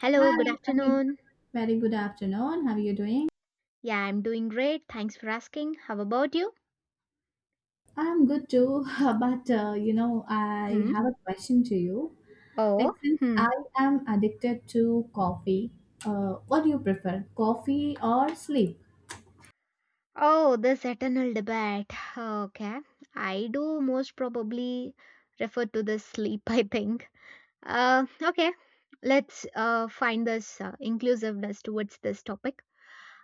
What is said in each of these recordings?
Hello, Hi, good how you- afternoon. very good afternoon. How are you doing? Yeah, I'm doing great. Thanks for asking. How about you? I'm good too, but I Hmm. have a question to you. Like, Oh, since hmm. I am addicted to coffee, what do you prefer, coffee or sleep? Oh, this eternal debate. Okay. I do most probably refer to the sleep, I think. Uh, okay. Let's find this inclusiveness towards this topic.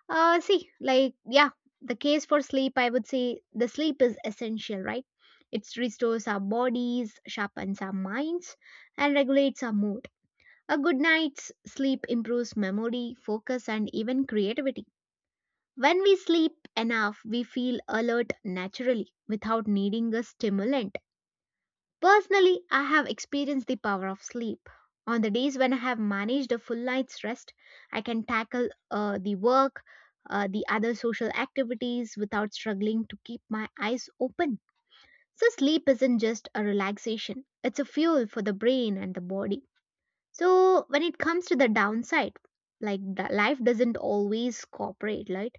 See, like, yeah, the case for sleep, I would say the sleep is essential, right? It restores our bodies, sharpens our minds, and regulates our mood. A good night's sleep improves memory, focus, and even creativity. When we sleep enough, we feel alert naturally without needing a stimulant. Personally, I have experienced the power of sleep. On the days when I have managed a full night's rest, I can tackle the work, the other social activities without struggling to keep my eyes open. So, sleep isn't just a relaxation, it's a fuel for the brain and the body. So when it comes to the downside, like the life doesn't always cooperate, right?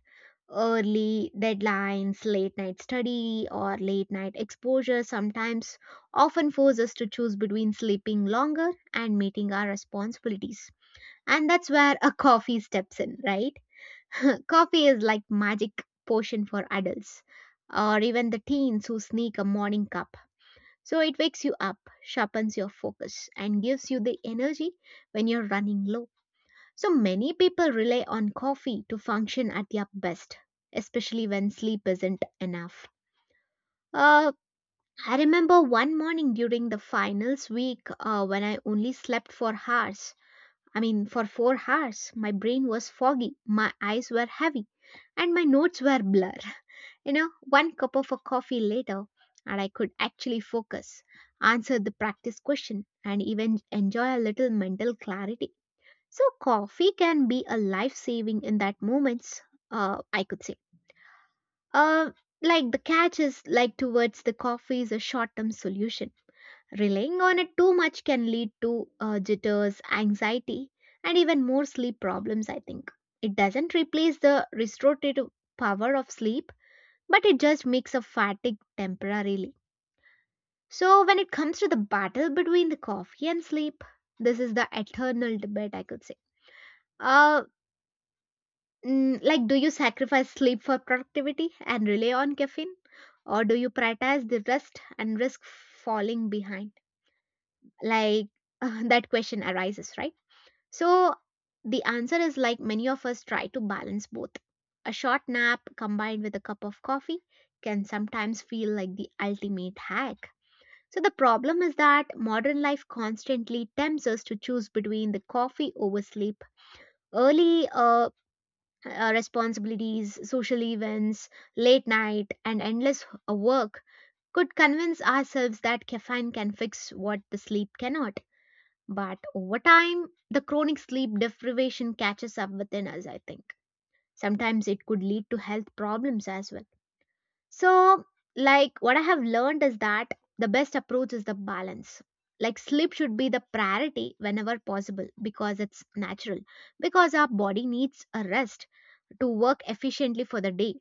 Early deadlines, late night study, or late night exposure sometimes often force us to choose between sleeping longer and meeting our responsibilities. And that's where a coffee steps in, right? Coffee is like magic potion for adults or even the teens who sneak a morning cup, so it wakes you up, sharpens your focus, and gives you the energy when you're running low. So many people rely on coffee to function at their best, especially when sleep isn't enough. Uh, I remember one morning during the finals week when I only slept for hours. I mean, for 4 hours, my brain was foggy, my eyes were heavy, and my notes were blur. You know, one cup of a coffee later, and I could actually focus, answer the practice question, and even enjoy a little mental clarity. So, coffee can be a life saving in that moments, I could say. Uh, like the catch is like towards the coffee is a short term solution. Relying on it too much can lead to jitters, anxiety, and even more sleep problems, I think. It doesn't replace the restorative power of sleep, but it just makes a fatigue temporarily. So when it comes to the battle between the coffee and sleep, this is the eternal debate I could say. Uh like do you sacrifice sleep for productivity and rely on caffeine, or do you prioritize the rest and risk falling behind? Like, that question arises, right? So the answer is like many of us try to balance both. A short nap combined with a cup of coffee can sometimes feel like the ultimate hack. So the problem is that modern life constantly tempts us to choose between the coffee over sleep, early responsibilities, social events, late night, and endless work. Could convince ourselves that caffeine can fix what the sleep cannot. But over time, the chronic sleep deprivation catches up within us, I think. Sometimes it could lead to health problems as well. So, like what I have learned is that the best approach is the balance. Like sleep should be the priority whenever possible because it's natural, because our body needs a rest to work efficiently for the day,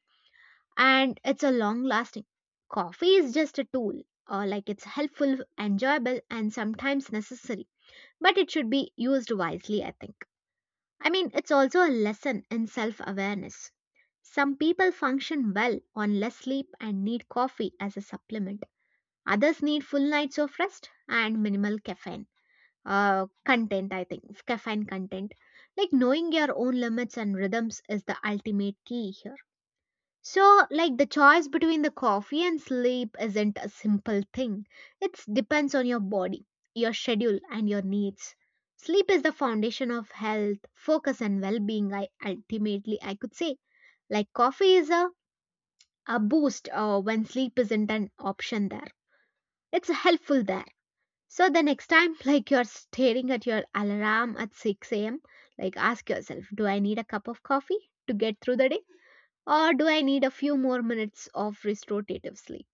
and it's a long lasting. Coffee is just a tool, or like it's helpful, enjoyable, and sometimes necessary, but it should be used wisely, I think. I mean, it's also a lesson in self awareness. Some people function well on less sleep and need coffee as a supplement. Others need full nights of rest and minimal caffeine content, I think. Caffeine content. Like knowing your own limits and rhythms is the ultimate key here. So, like the choice between the coffee and sleep isn't a simple thing, it depends on your body, your schedule, and your needs. Sleep is the foundation of health, focus, and well being, I ultimately I could say. Like coffee is a boost when sleep isn't an option there. It's helpful there. So the next time, like you're staring at your alarm at 6 a.m., like ask yourself, do I need a cup of coffee to get through the day? Or do I need a few more minutes of restorative sleep?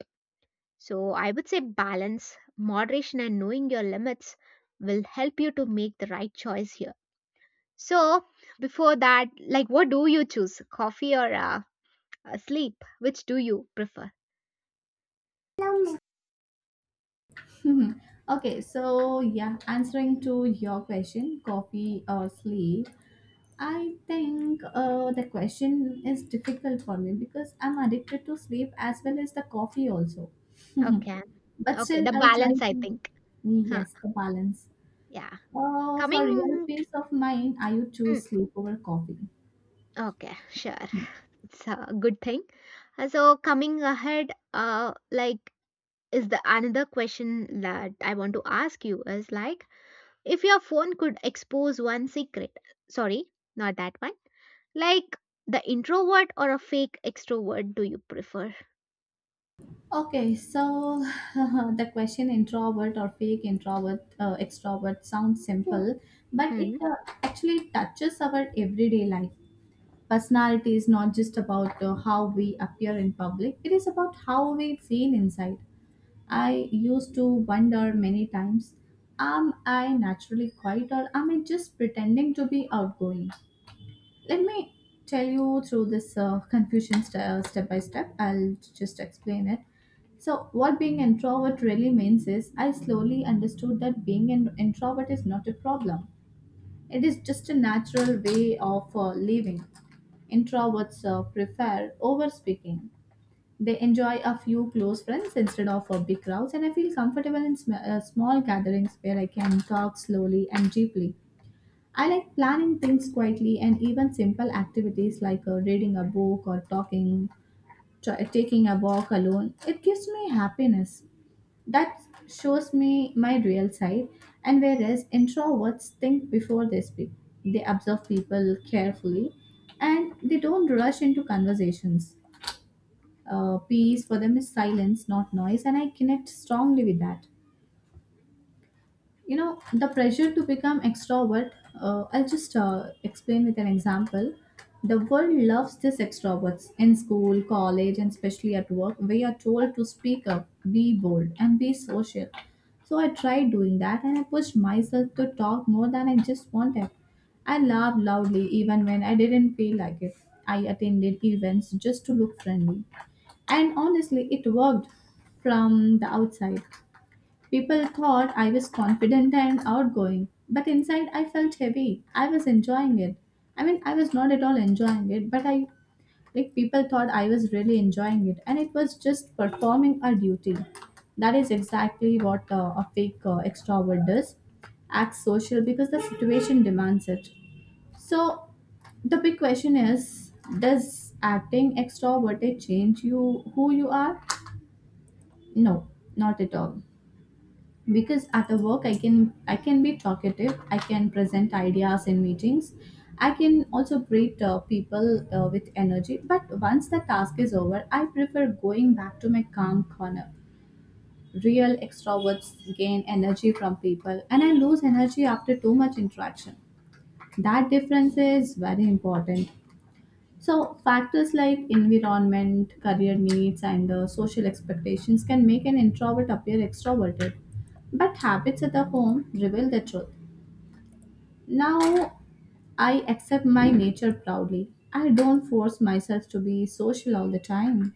So I would say balance, moderation, and knowing your limits will help you to make the right choice here. So before that, like what do you choose? Coffee or sleep? Which do you prefer? Okay, so yeah, answering to your question, coffee or sleep, I think the question is difficult for me because I'm addicted to sleep as well as the coffee also, Okay. but Okay, still the I'll try balance, I to, think. Huh, yes, the balance. yeah. For real Coming, peace of mind, I would mm, choose sleep over coffee. okay, sure. It's a good thing. So coming ahead, like is the another question that I want to ask you is like if your phone could expose one secret, sorry, not that one. Like the introvert or a fake extrovert do you prefer? Okay, so the question introvert or fake introvert extrovert sounds simple, but it Hmm. uh, actually touches our everyday life. Personality is not just about how we appear in public, it is about how we feel inside. I used to wonder many times, am I naturally quiet, or am I just pretending to be outgoing? Let me tell you through this confusion step by step. I'll just explain it. So, what being introvert really means is, I slowly understood that being an introvert is not a problem. It is just a natural way of living. Introverts prefer over speaking. They enjoy a few close friends instead of a big crowds, and I feel comfortable in small gatherings where I can talk slowly and deeply. I like planning things quietly, and even simple activities like reading a book or talking, taking a walk alone. It gives me happiness. That shows me my real side. And whereas introverts think before they speak, they observe people carefully, and they don't rush into conversations. Peace for them is silence, not noise, and I connect strongly with that. You know, the pressure to become extrovert, I'll just explain with an example. The world loves this extroverts. In school, college, and especially at work, we are told to speak up, be bold, and be social. So I tried doing that, and I pushed myself to talk more than I just wanted. I laughed loudly even when I didn't feel like it. I attended events just to look friendly. And honestly, it worked from the outside. People thought I was confident and outgoing, but inside I felt heavy. I was enjoying it. I mean, I was not at all enjoying it, but I, like, people thought I was really enjoying it, and it was just performing a duty. That is exactly what a fake extrovert does, acts social because the situation demands it. So, the big question is, does acting extroverted change you who you are? No, not at all. Because at a work I can be talkative, I can present ideas in meetings, I can also greet people with energy, but once the task is over, I prefer going back to my calm corner. Real extroverts gain energy from people, and I lose energy after too much interaction. That difference is very important. So, factors like environment, career needs, and the social expectations can make an introvert appear extroverted. But habits at the home reveal the truth. Now, I accept my nature proudly. I don't force myself to be social all the time.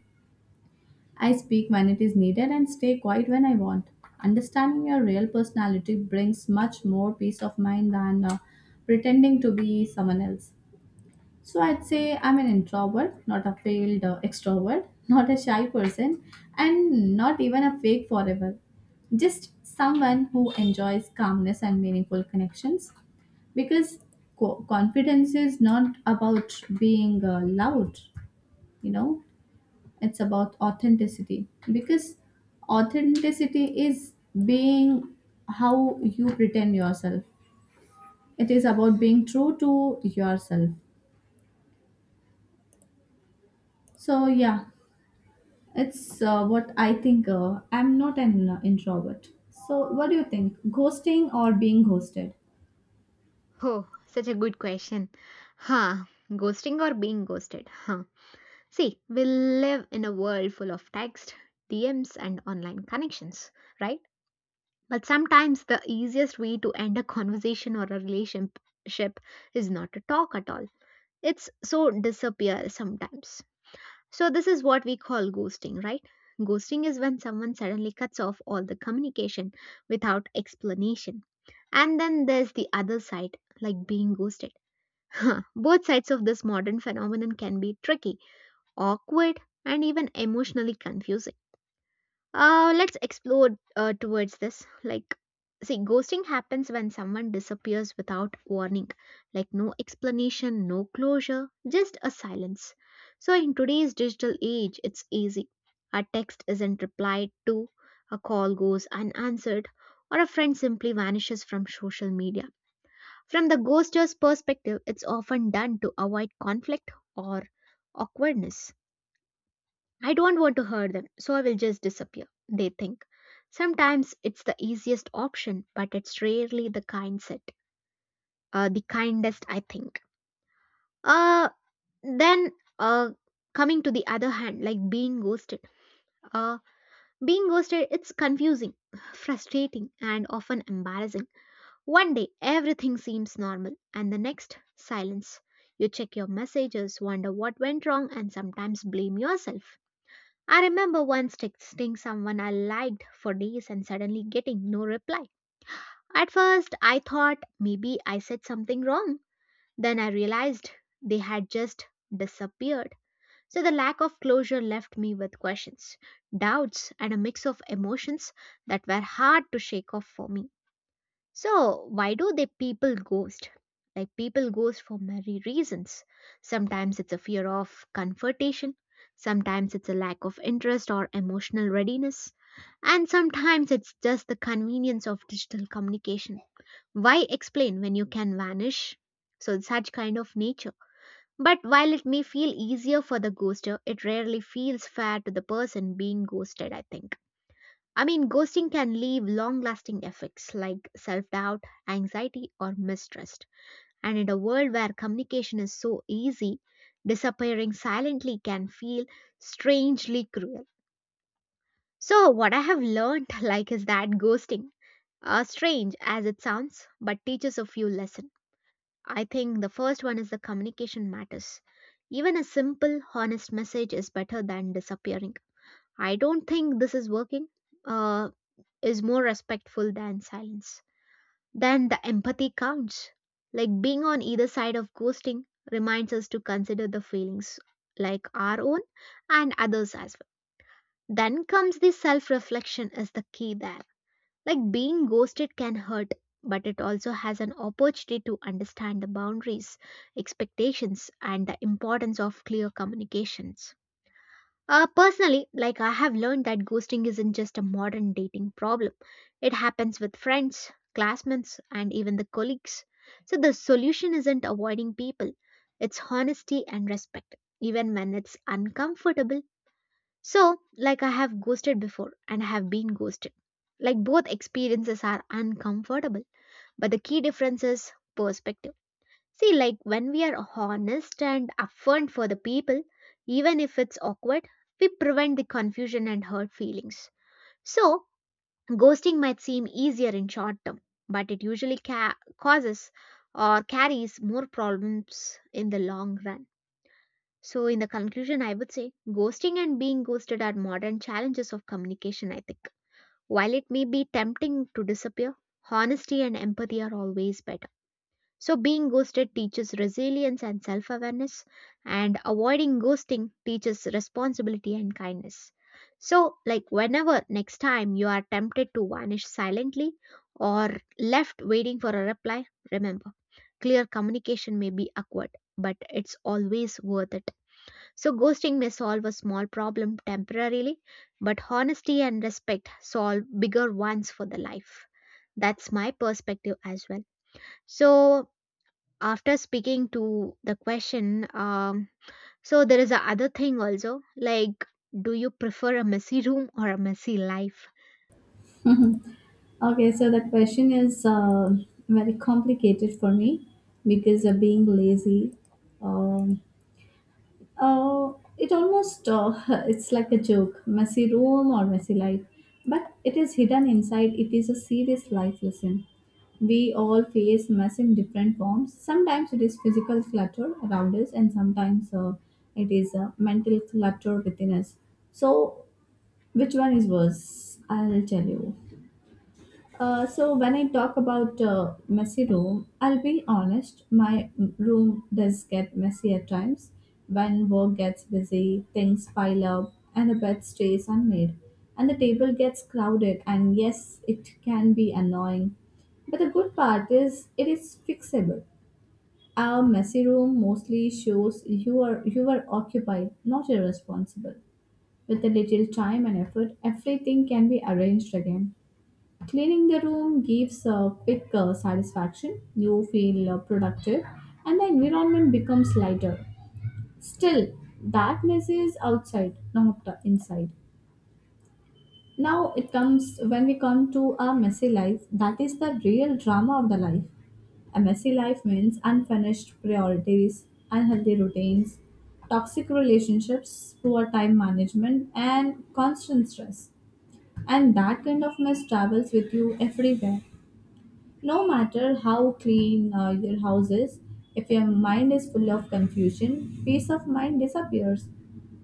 I speak when it is needed, and stay quiet when I want. Understanding your real personality brings much more peace of mind than pretending to be someone else. So I'd say I'm an introvert, not a failed extrovert, not a shy person, and not even a fake forever. Just someone who enjoys calmness and meaningful connections, because confidence is not about being loud, you know, it's about authenticity, because authenticity is being how you pretend yourself, it is about being true to yourself. So, yeah, it's what I think. I'm not an introvert. So, what do you think? Ghosting or being ghosted? Oh, such a good question. Huh. Ghosting or being ghosted? Huh. See, we live in a world full of text, DMs, and online connections, right? But sometimes the easiest way to end a conversation or a relationship is not to talk at all. It's so disappear sometimes. So, this is what we call ghosting, right? Ghosting is when someone suddenly cuts off all the communication without explanation. And then there's the other side, like being ghosted. Both sides of this modern phenomenon can be tricky, awkward, and even emotionally confusing. Let's explore towards this. Like, see, ghosting happens when someone disappears without warning, like, no explanation, no closure, just a silence. So, in today's digital age, it's easy. A text isn't replied to, a call goes unanswered, or a friend simply vanishes from social media. From the ghoster's perspective, it's often done to avoid conflict or awkwardness. I don't want to hurt them, so I will just disappear, they think. Sometimes it's the easiest option, but it's rarely the kindest, I think. Uh, then, uh, Coming to the other hand, like being ghosted. Uh, Being ghosted, it's confusing, frustrating, and often embarrassing. One day, everything seems normal, and the next, silence. You check your messages, wonder what went wrong, and sometimes blame yourself. I remember once texting someone I liked for days and suddenly getting no reply. At first, I thought maybe I said something wrong. Then I realized they had just disappeared. So the lack of closure left me with questions, doubts, and a mix of emotions that were hard to shake off for me. So, why do they people ghost? Like people ghost for many reasons. Sometimes it's a fear of confrontation, sometimes it's a lack of interest or emotional readiness, and sometimes it's just the convenience of digital communication. Why explain when you can vanish? So, it's such kind of nature. But while it may feel easier for the ghoster, it rarely feels fair to the person being ghosted, I think. I mean, ghosting can leave long lasting effects like self doubt, anxiety, or mistrust. And in a world where communication is so easy, disappearing silently can feel strangely cruel. So, what I have learned, like, is that ghosting, strange as it sounds, but teaches a few lessons. I think the first one is the communication matters. Even a simple, honest message is better than disappearing. I don't think this is working. Uh, is more respectful than silence. Then the empathy counts. Like being on either side of ghosting reminds us to consider the feelings like our own and others as well. Then comes the self reflection is the key there. Like being ghosted can hurt, but it also has an opportunity to understand the boundaries, expectations, and the importance of clear communications. Personally, like I have learned that ghosting isn't just a modern dating problem. It happens with friends, classmates, and even the colleagues. So the solution isn't avoiding people, it's honesty and respect, even when it's uncomfortable. So, like I have ghosted before and I have been ghosted. Like both experiences are uncomfortable, but the key difference is perspective. See, like when we are honest and upfront for the people, even if it's awkward, we prevent the confusion and hurt feelings. So, ghosting might seem easier in short term, but it usually causes or carries more problems in the long run. So, in the conclusion, I would say ghosting and being ghosted are modern challenges of communication, I think. While it may be tempting to disappear, honesty and empathy are always better. So, being ghosted teaches resilience and self awareness, and avoiding ghosting teaches responsibility and kindness. So, like, whenever next time you are tempted to vanish silently or left waiting for a reply, remember clear communication may be awkward, but it's always worth it. So, ghosting may solve a small problem temporarily, but honesty and respect solve bigger ones for the life. That's my perspective as well. So, after speaking to the question so there is a other thing also like do you prefer a messy room or a messy life? Okay, so that question is very complicated for me because of being lazy. Um it almost, it's like a joke, messy room or messy life, but it is hidden inside. It is a serious life lesson. We all face mess in different forms. Sometimes it is physical clutter around us, and sometimes it is mental clutter within us. So, which one is worse? I'll tell you. So when I talk about messy room, I'll be honest. My room does get messy at times. When work gets busy, things pile up, and the bed stays unmade, and the table gets crowded. And yes, it can be annoying. But the good part is it is fixable. Our messy room mostly shows you are occupied, not irresponsible. With a little time and effort, everything can be arranged again. Cleaning the room gives a quick satisfaction, you feel productive, and the environment becomes lighter. Still, that mess is outside, not inside. Now it comes, when we come to a messy life, that is the real drama of the life. A messy life means unfinished priorities, unhealthy routines, toxic relationships, poor time management, and constant stress. And that kind of mess travels with you everywhere. No matter how clean your house is, if your mind is full of confusion, peace of mind disappears.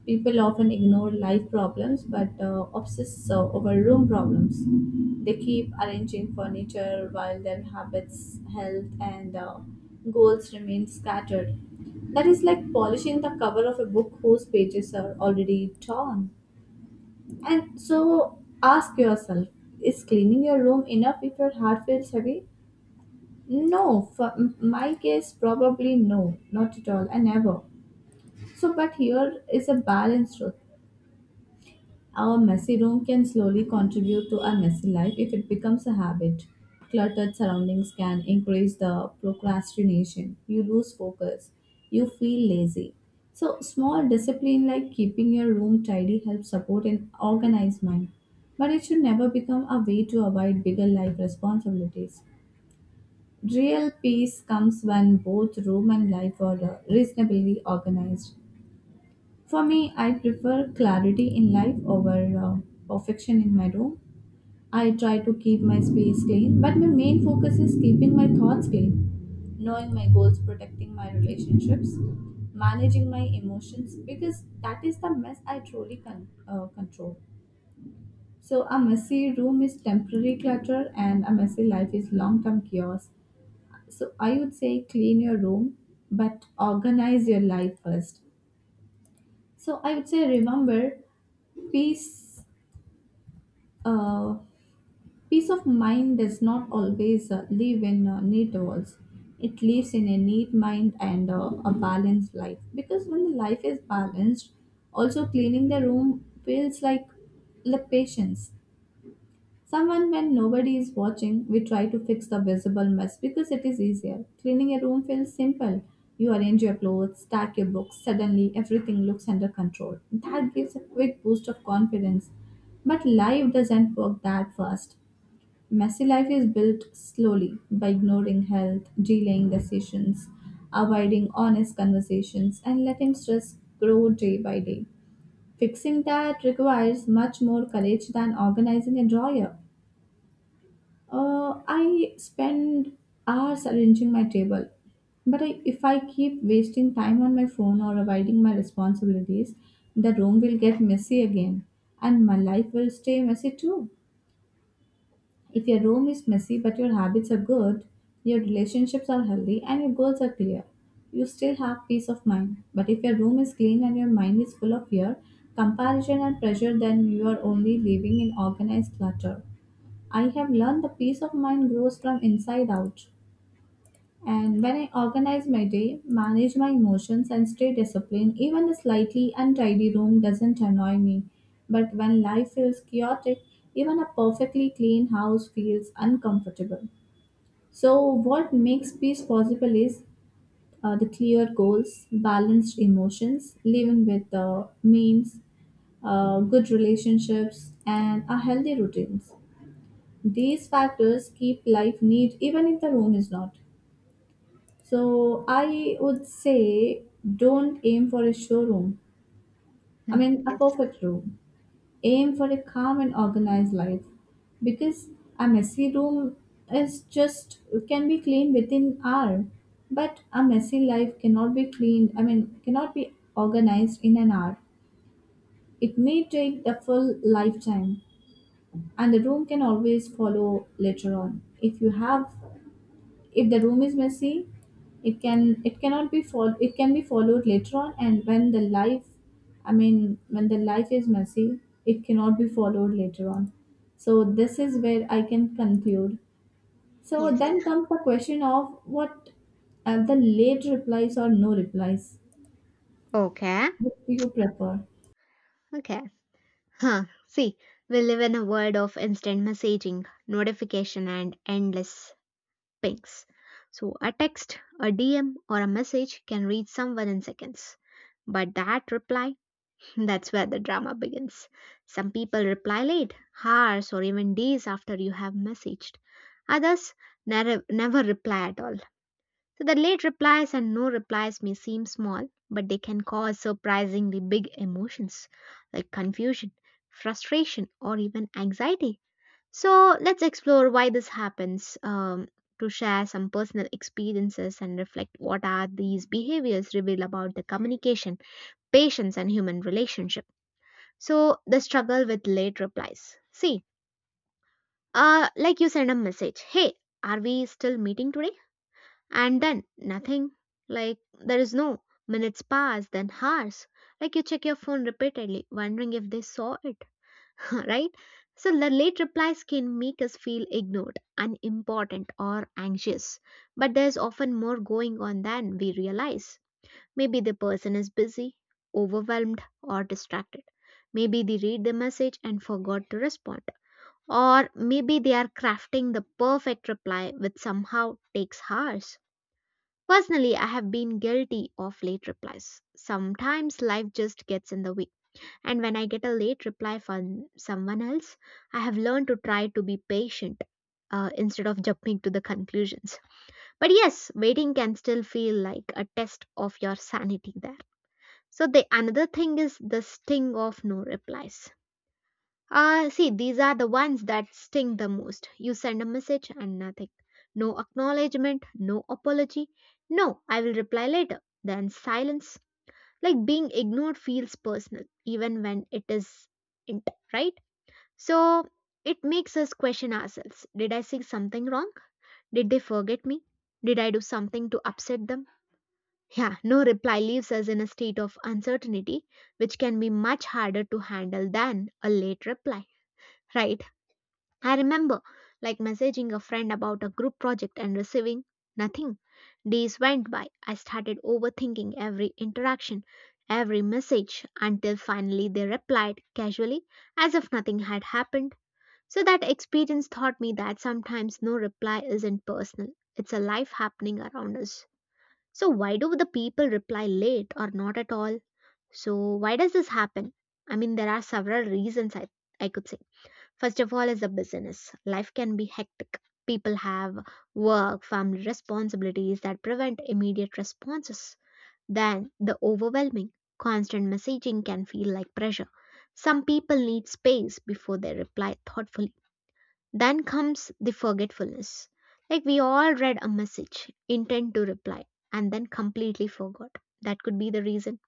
People often ignore life problems but obsess over room problems. They keep arranging furniture while their habits, health, and goals remain scattered. That is like polishing the cover of a book whose pages are already torn. And so ask yourself, is cleaning your room enough if your heart feels heavy? No, for my case, probably no, not at all, I never. So, but here is a balanced truth. Our messy room can slowly contribute to our messy life if it becomes a habit. Cluttered surroundings can increase the procrastination. You lose focus. You feel lazy. So, small discipline like keeping your room tidy helps support an organized mind. But it should never become a way to avoid bigger life responsibilities. Real peace comes when both room and life are reasonably organized. For me, I prefer clarity in life over perfection in my room. I try to keep my space clean, but my main focus is keeping my thoughts clean, knowing my goals, protecting my relationships, managing my emotions, because that is the mess I truly control. So, a messy room is temporary clutter, and a messy life is long term chaos. So I would say clean your room, but organize your life first. So I would say remember, peace, uh, peace of mind does not always live in neat walls. It lives in a neat mind and a balanced life. Because when the life is balanced, also cleaning the room feels like patience. Someone when nobody is watching, we try to fix the visible mess because it is easier. Cleaning a room feels simple. You arrange your clothes, stack your books, suddenly everything looks under control. That gives a quick boost of confidence. But life doesn't work that fast. Messy life is built slowly by ignoring health, delaying decisions, avoiding honest conversations, and letting stress grow day by day. Fixing that requires much more courage than organizing a drawer. I spend hours arranging my table, but I, if I keep wasting time on my phone or avoiding my responsibilities, the room will get messy again, and my life will stay messy too. If your room is messy but your habits are good, your relationships are healthy, and your goals are clear, you still have peace of mind. But if your room is clean and your mind is full of fear, comparison, and pressure, then you are only living in organized clutter. I have learned the peace of mind grows from inside out. And when I organize my day, manage my emotions, and stay disciplined, even a slightly untidy room doesn't annoy me. But when life feels chaotic, even a perfectly clean house feels uncomfortable. So, what makes peace possible is the clear goals, balanced emotions, living with means, good relationships, and a healthy routines. These factors keep life neat even if the room is not. So I would say, don't aim for a showroom. I Hmm. mean a Yes, perfect room. Aim for a calm and organized life. Because a messy room is just, can be cleaned within hour. But a messy life cannot be cleaned, I mean cannot be organized in an hour. It may take the full lifetime, and the room can always follow later on. If you have If the room is messy, it cannot be it can be followed later on, and when the life, I mean when the life is messy, it cannot be followed later on. So this is where I can conclude. So yes. then comes the question of what are the late replies or no replies. Okay, What do you prefer? okay. Huh, see, we live in a world of instant messaging notification and endless pings. So a text, a dm, or a message can reach someone in seconds, but that reply, that's where the drama begins. Some people reply late, hours or even days after you have messaged. Others never reply at all. So the late replies and no replies may seem small, but they can cause surprisingly big emotions like confusion, frustration, or even anxiety. So let's explore why this happens, to share some personal experiences and reflect what are these behaviors reveal about the communication, patience, and human relationship. So the struggle with late replies. See, like you send a message, hey, are we still meeting today? And then nothing. Like there is no minutes pass, then hours. Like you check your phone repeatedly, wondering if they saw it, right? So the late replies can make us feel ignored, unimportant, or anxious. But there's often more going on than we realize. Maybe the person is busy, overwhelmed, or distracted. Maybe they read the message and forgot to respond. Or maybe they are crafting the perfect reply which somehow takes hours. Personally, I have been guilty of late replies. Sometimes life just gets in the way. And when I get a late reply from someone else, I have learned to try to be patient instead of jumping to the conclusions. But yes, waiting can still feel like a test of your sanity there. So the another thing is the sting of no replies. See, these are the ones that sting the most. You send a message and nothing. No acknowledgement, no apology. No, I will reply later. Then silence. Like being ignored feels personal, even when it is int, right? So it makes us question ourselves. Did I say something wrong? Did they forget me? Did I do something to upset them? Yeah, no reply leaves us in a state of uncertainty, which can be much harder to handle than a late reply. Right? I remember like messaging a friend about a group project and receiving nothing. Days went by. I started overthinking every interaction, every message, until finally they replied casually as if nothing had happened. So that experience taught me that sometimes no reply isn't personal, it's a life happening around us. So, why do the people reply late or not at all? So, why does this happen? I mean, there are several reasons I could say. First of all, is the business. Life can be hectic. People have work, family responsibilities that prevent immediate responses. Then, the overwhelming, constant messaging can feel like pressure. Some people need space before they reply thoughtfully. Then comes the forgetfulness. Like we all read a message, intend to reply, and then completely forgot. That could be the reason.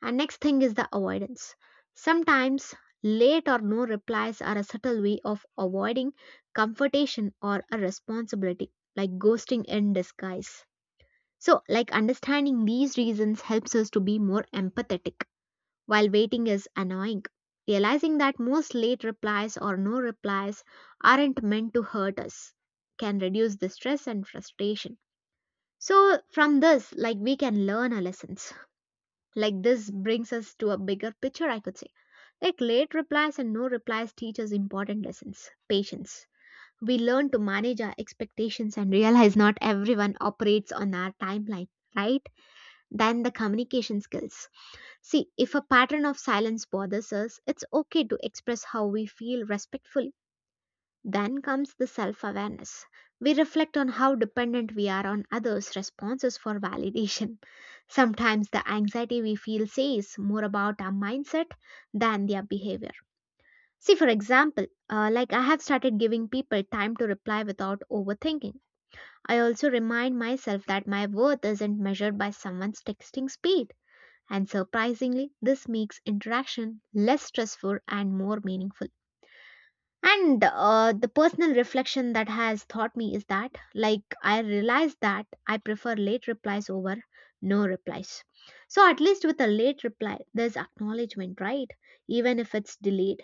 And next thing is the avoidance. Sometimes late or no replies are a subtle way of avoiding confrontation or a responsibility, like ghosting in disguise. So, like understanding these reasons helps us to be more empathetic while waiting is annoying. Realizing that most late replies or no replies aren't meant to hurt us can reduce the stress and frustration. So, from this, like we can learn our lessons. Like this brings us to a bigger picture, I could say. Like late replies and no replies teach us important lessons patience. We learn to manage our expectations and realize not everyone operates on our timeline, right? Then the communication skills. See, if a pattern of silence bothers us, it's okay to express how we feel respectfully. Then comes the self awareness. We reflect on how dependent we are on others' responses for validation. Sometimes the anxiety we feel says more about our mindset than their behavior. See, for example, like I have started giving people time to reply without overthinking. I also remind myself that my worth isn't measured by someone's texting speed and surprisingly, this makes interaction less stressful and more meaningful. And the personal reflection that has taught me is that, like, I realized that I prefer late replies over no replies. So, at least with a late reply, there's acknowledgement, right? Even if it's delayed.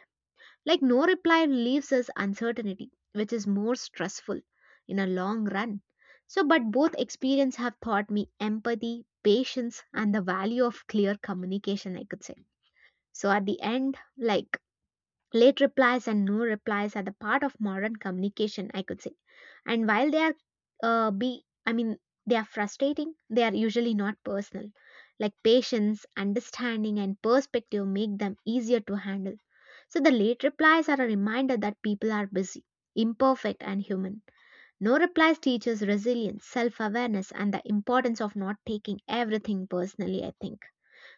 Like no reply leaves us uncertainty, which is more stressful in a long run. So, but both experience have taught me empathy, patience, and the value of clear communication, I could say. So at the end, like late replies and no replies are the part of modern communication, I could say. And while they are be I mean they are frustrating, they are usually not personal. Like patience, understanding, and perspective make them easier to handle. So the late replies are a reminder that people are busy, imperfect, and human. No replies teaches resilience, self awareness, and the importance of not taking everything personally, I think.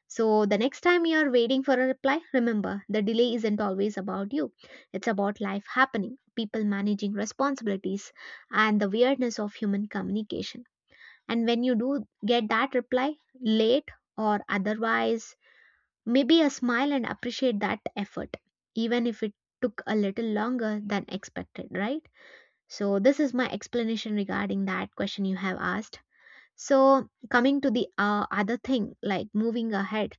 So the next time you're waiting for a reply, remember the delay isn't always about you, it's about life happening, people managing responsibilities, and the weirdness of human communication. And when you do get that reply, late or otherwise, maybe a smile and appreciate that effort, even if it took a little longer than expected, right? So, this is my explanation regarding that question you have asked. So, coming to the other thing, like moving ahead,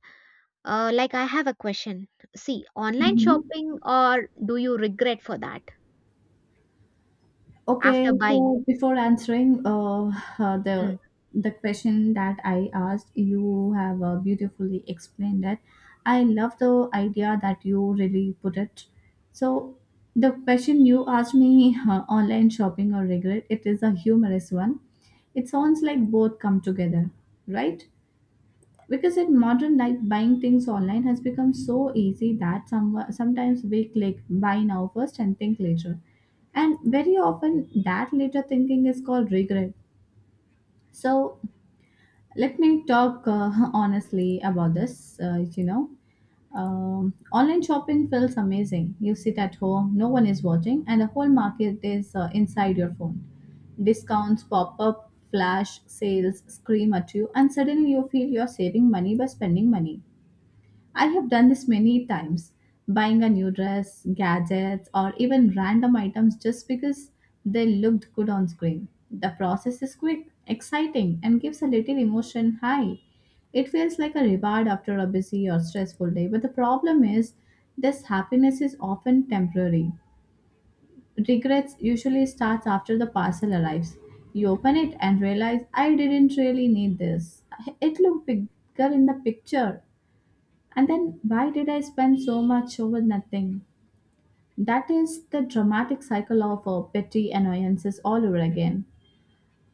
like I have a question. See, online Hmm. shopping, or do you regret for that Okay, after buying? so before answering uh, Hmm. the the question that I asked, you have beautifully explained it. I love the idea that you really put it. So the question you asked me, online shopping or regret, it is a humorous one. It sounds like both come together, right? Because in modern life, buying things online has become so easy that sometimes we click buy now first and think later. And very often, that later thinking is called regret. So, let me talk honestly about this. You know, online shopping feels amazing. You sit at home, no one is watching, and the whole market is inside your phone. Discounts pop up, flash sales scream at you, and suddenly you feel you're saving money by spending money. I have done this many times, buying a new dress, gadgets, or even random items just because they looked good on screen. The process is quick, exciting, and gives a little emotion high. It feels like a reward after a busy or stressful day, but the problem is this happiness is often temporary. Regrets usually starts after the parcel arrives. You open it and realize, I didn't really need this. It looked bigger in the picture. And then, why did I spend so much over nothing? That is the dramatic cycle of petty annoyances all over again.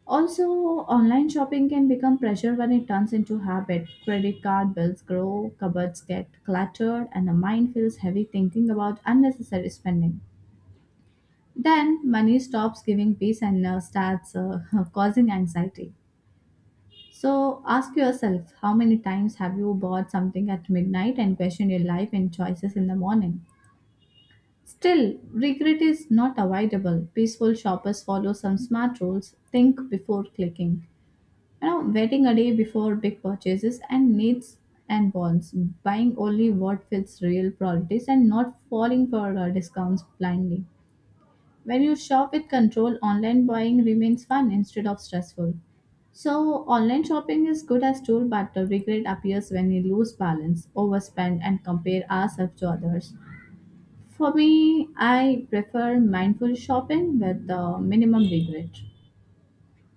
Also, online shopping can become pressure when it turns into habit. Credit card bills grow, cupboards get cluttered, and the mind feels heavy thinking about unnecessary spending. Then, money stops giving peace and starts causing anxiety. So, ask yourself, how many times have you bought something at midnight and questioned your life and choices in the morning? Still, regret is not avoidable. Peaceful shoppers follow some smart rules, think before clicking. You know, waiting a day before big purchases and needs and wants, buying only what fits real priorities and not falling for discounts blindly. When you shop with control, online buying remains fun instead of stressful. So, online shopping is good as tool, but the regret appears when we lose balance, overspend, and compare ourselves to others. For me, I prefer mindful shopping with minimum regret.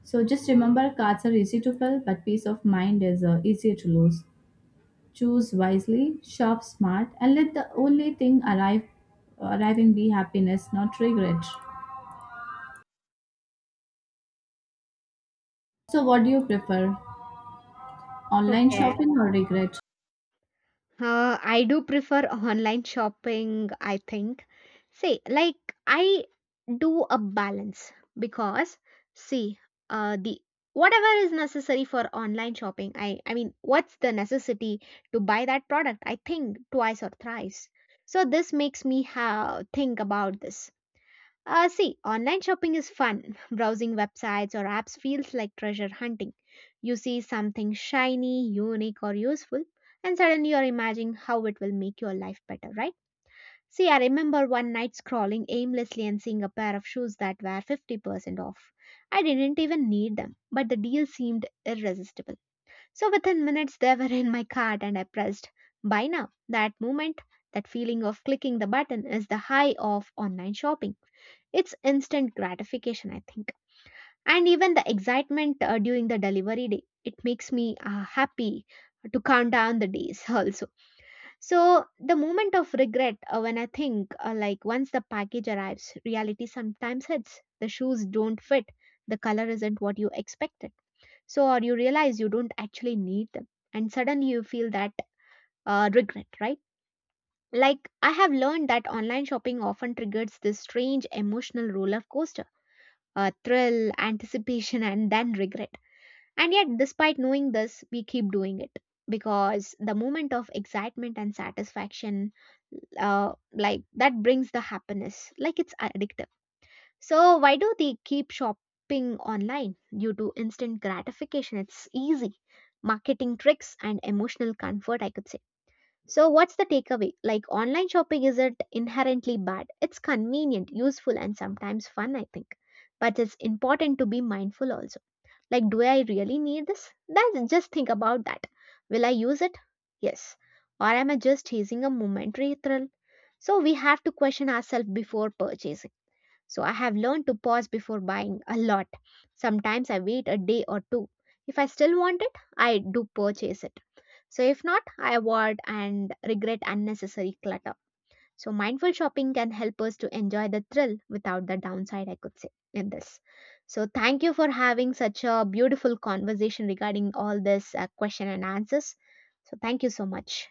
So just remember, cards are easy to fill, but peace of mind is easier to lose. Choose wisely, shop smart, and let the only thing arrive arriving be happiness, not regret. So what do you prefer? Online Okay. shopping or regret? I do prefer online shopping, I think. See, like I do a balance because see, the whatever is necessary for online shopping, I mean, what's the necessity to buy that product? I think twice or thrice. So this makes me think about this. See, online shopping is fun. Browsing websites or apps feels like treasure hunting. You see something shiny, unique, or useful, and suddenly you're imagining how it will make your life better, right? See, I remember one night scrolling aimlessly and seeing a pair of shoes that were 50% off. I didn't even need them, but the deal seemed irresistible. So within minutes, they were in my cart and I pressed buy now. That moment, that feeling of clicking the button is the high of online shopping. It's instant gratification, I think. And even the excitement during the delivery day, it makes me happy to count down the days also. So the moment of regret when I think, like once the package arrives, reality sometimes hits. The shoes don't fit. The color isn't what you expected. So or you realize you don't actually need them, and suddenly you feel that regret, right? Like I have learned that online shopping often triggers this strange emotional roller coaster, thrill, anticipation, and then regret. And yet, despite knowing this, we keep doing it because the moment of excitement and satisfaction like that brings the happiness like it's addictive. So why do they keep shopping online? Due to instant gratification, it's easy marketing tricks and emotional comfort, I could say. So what's the takeaway? Like online shopping isn't inherently bad. It's convenient, useful, and sometimes fun, I think. But it's important to be mindful also, like, do I really need this? That just think about that. Will I use it? Yes. Or am I just chasing a momentary thrill? So we have to question ourselves before purchasing. So I have learned to pause before buying a lot. Sometimes I wait a day or two. If I still want it, I do purchase it. So if not, I avoid and regret unnecessary clutter. So, mindful shopping can help us to enjoy the thrill without the downside, I could say, in this. So, thank you for having such a beautiful conversation regarding all this question and answers. So, thank you so much.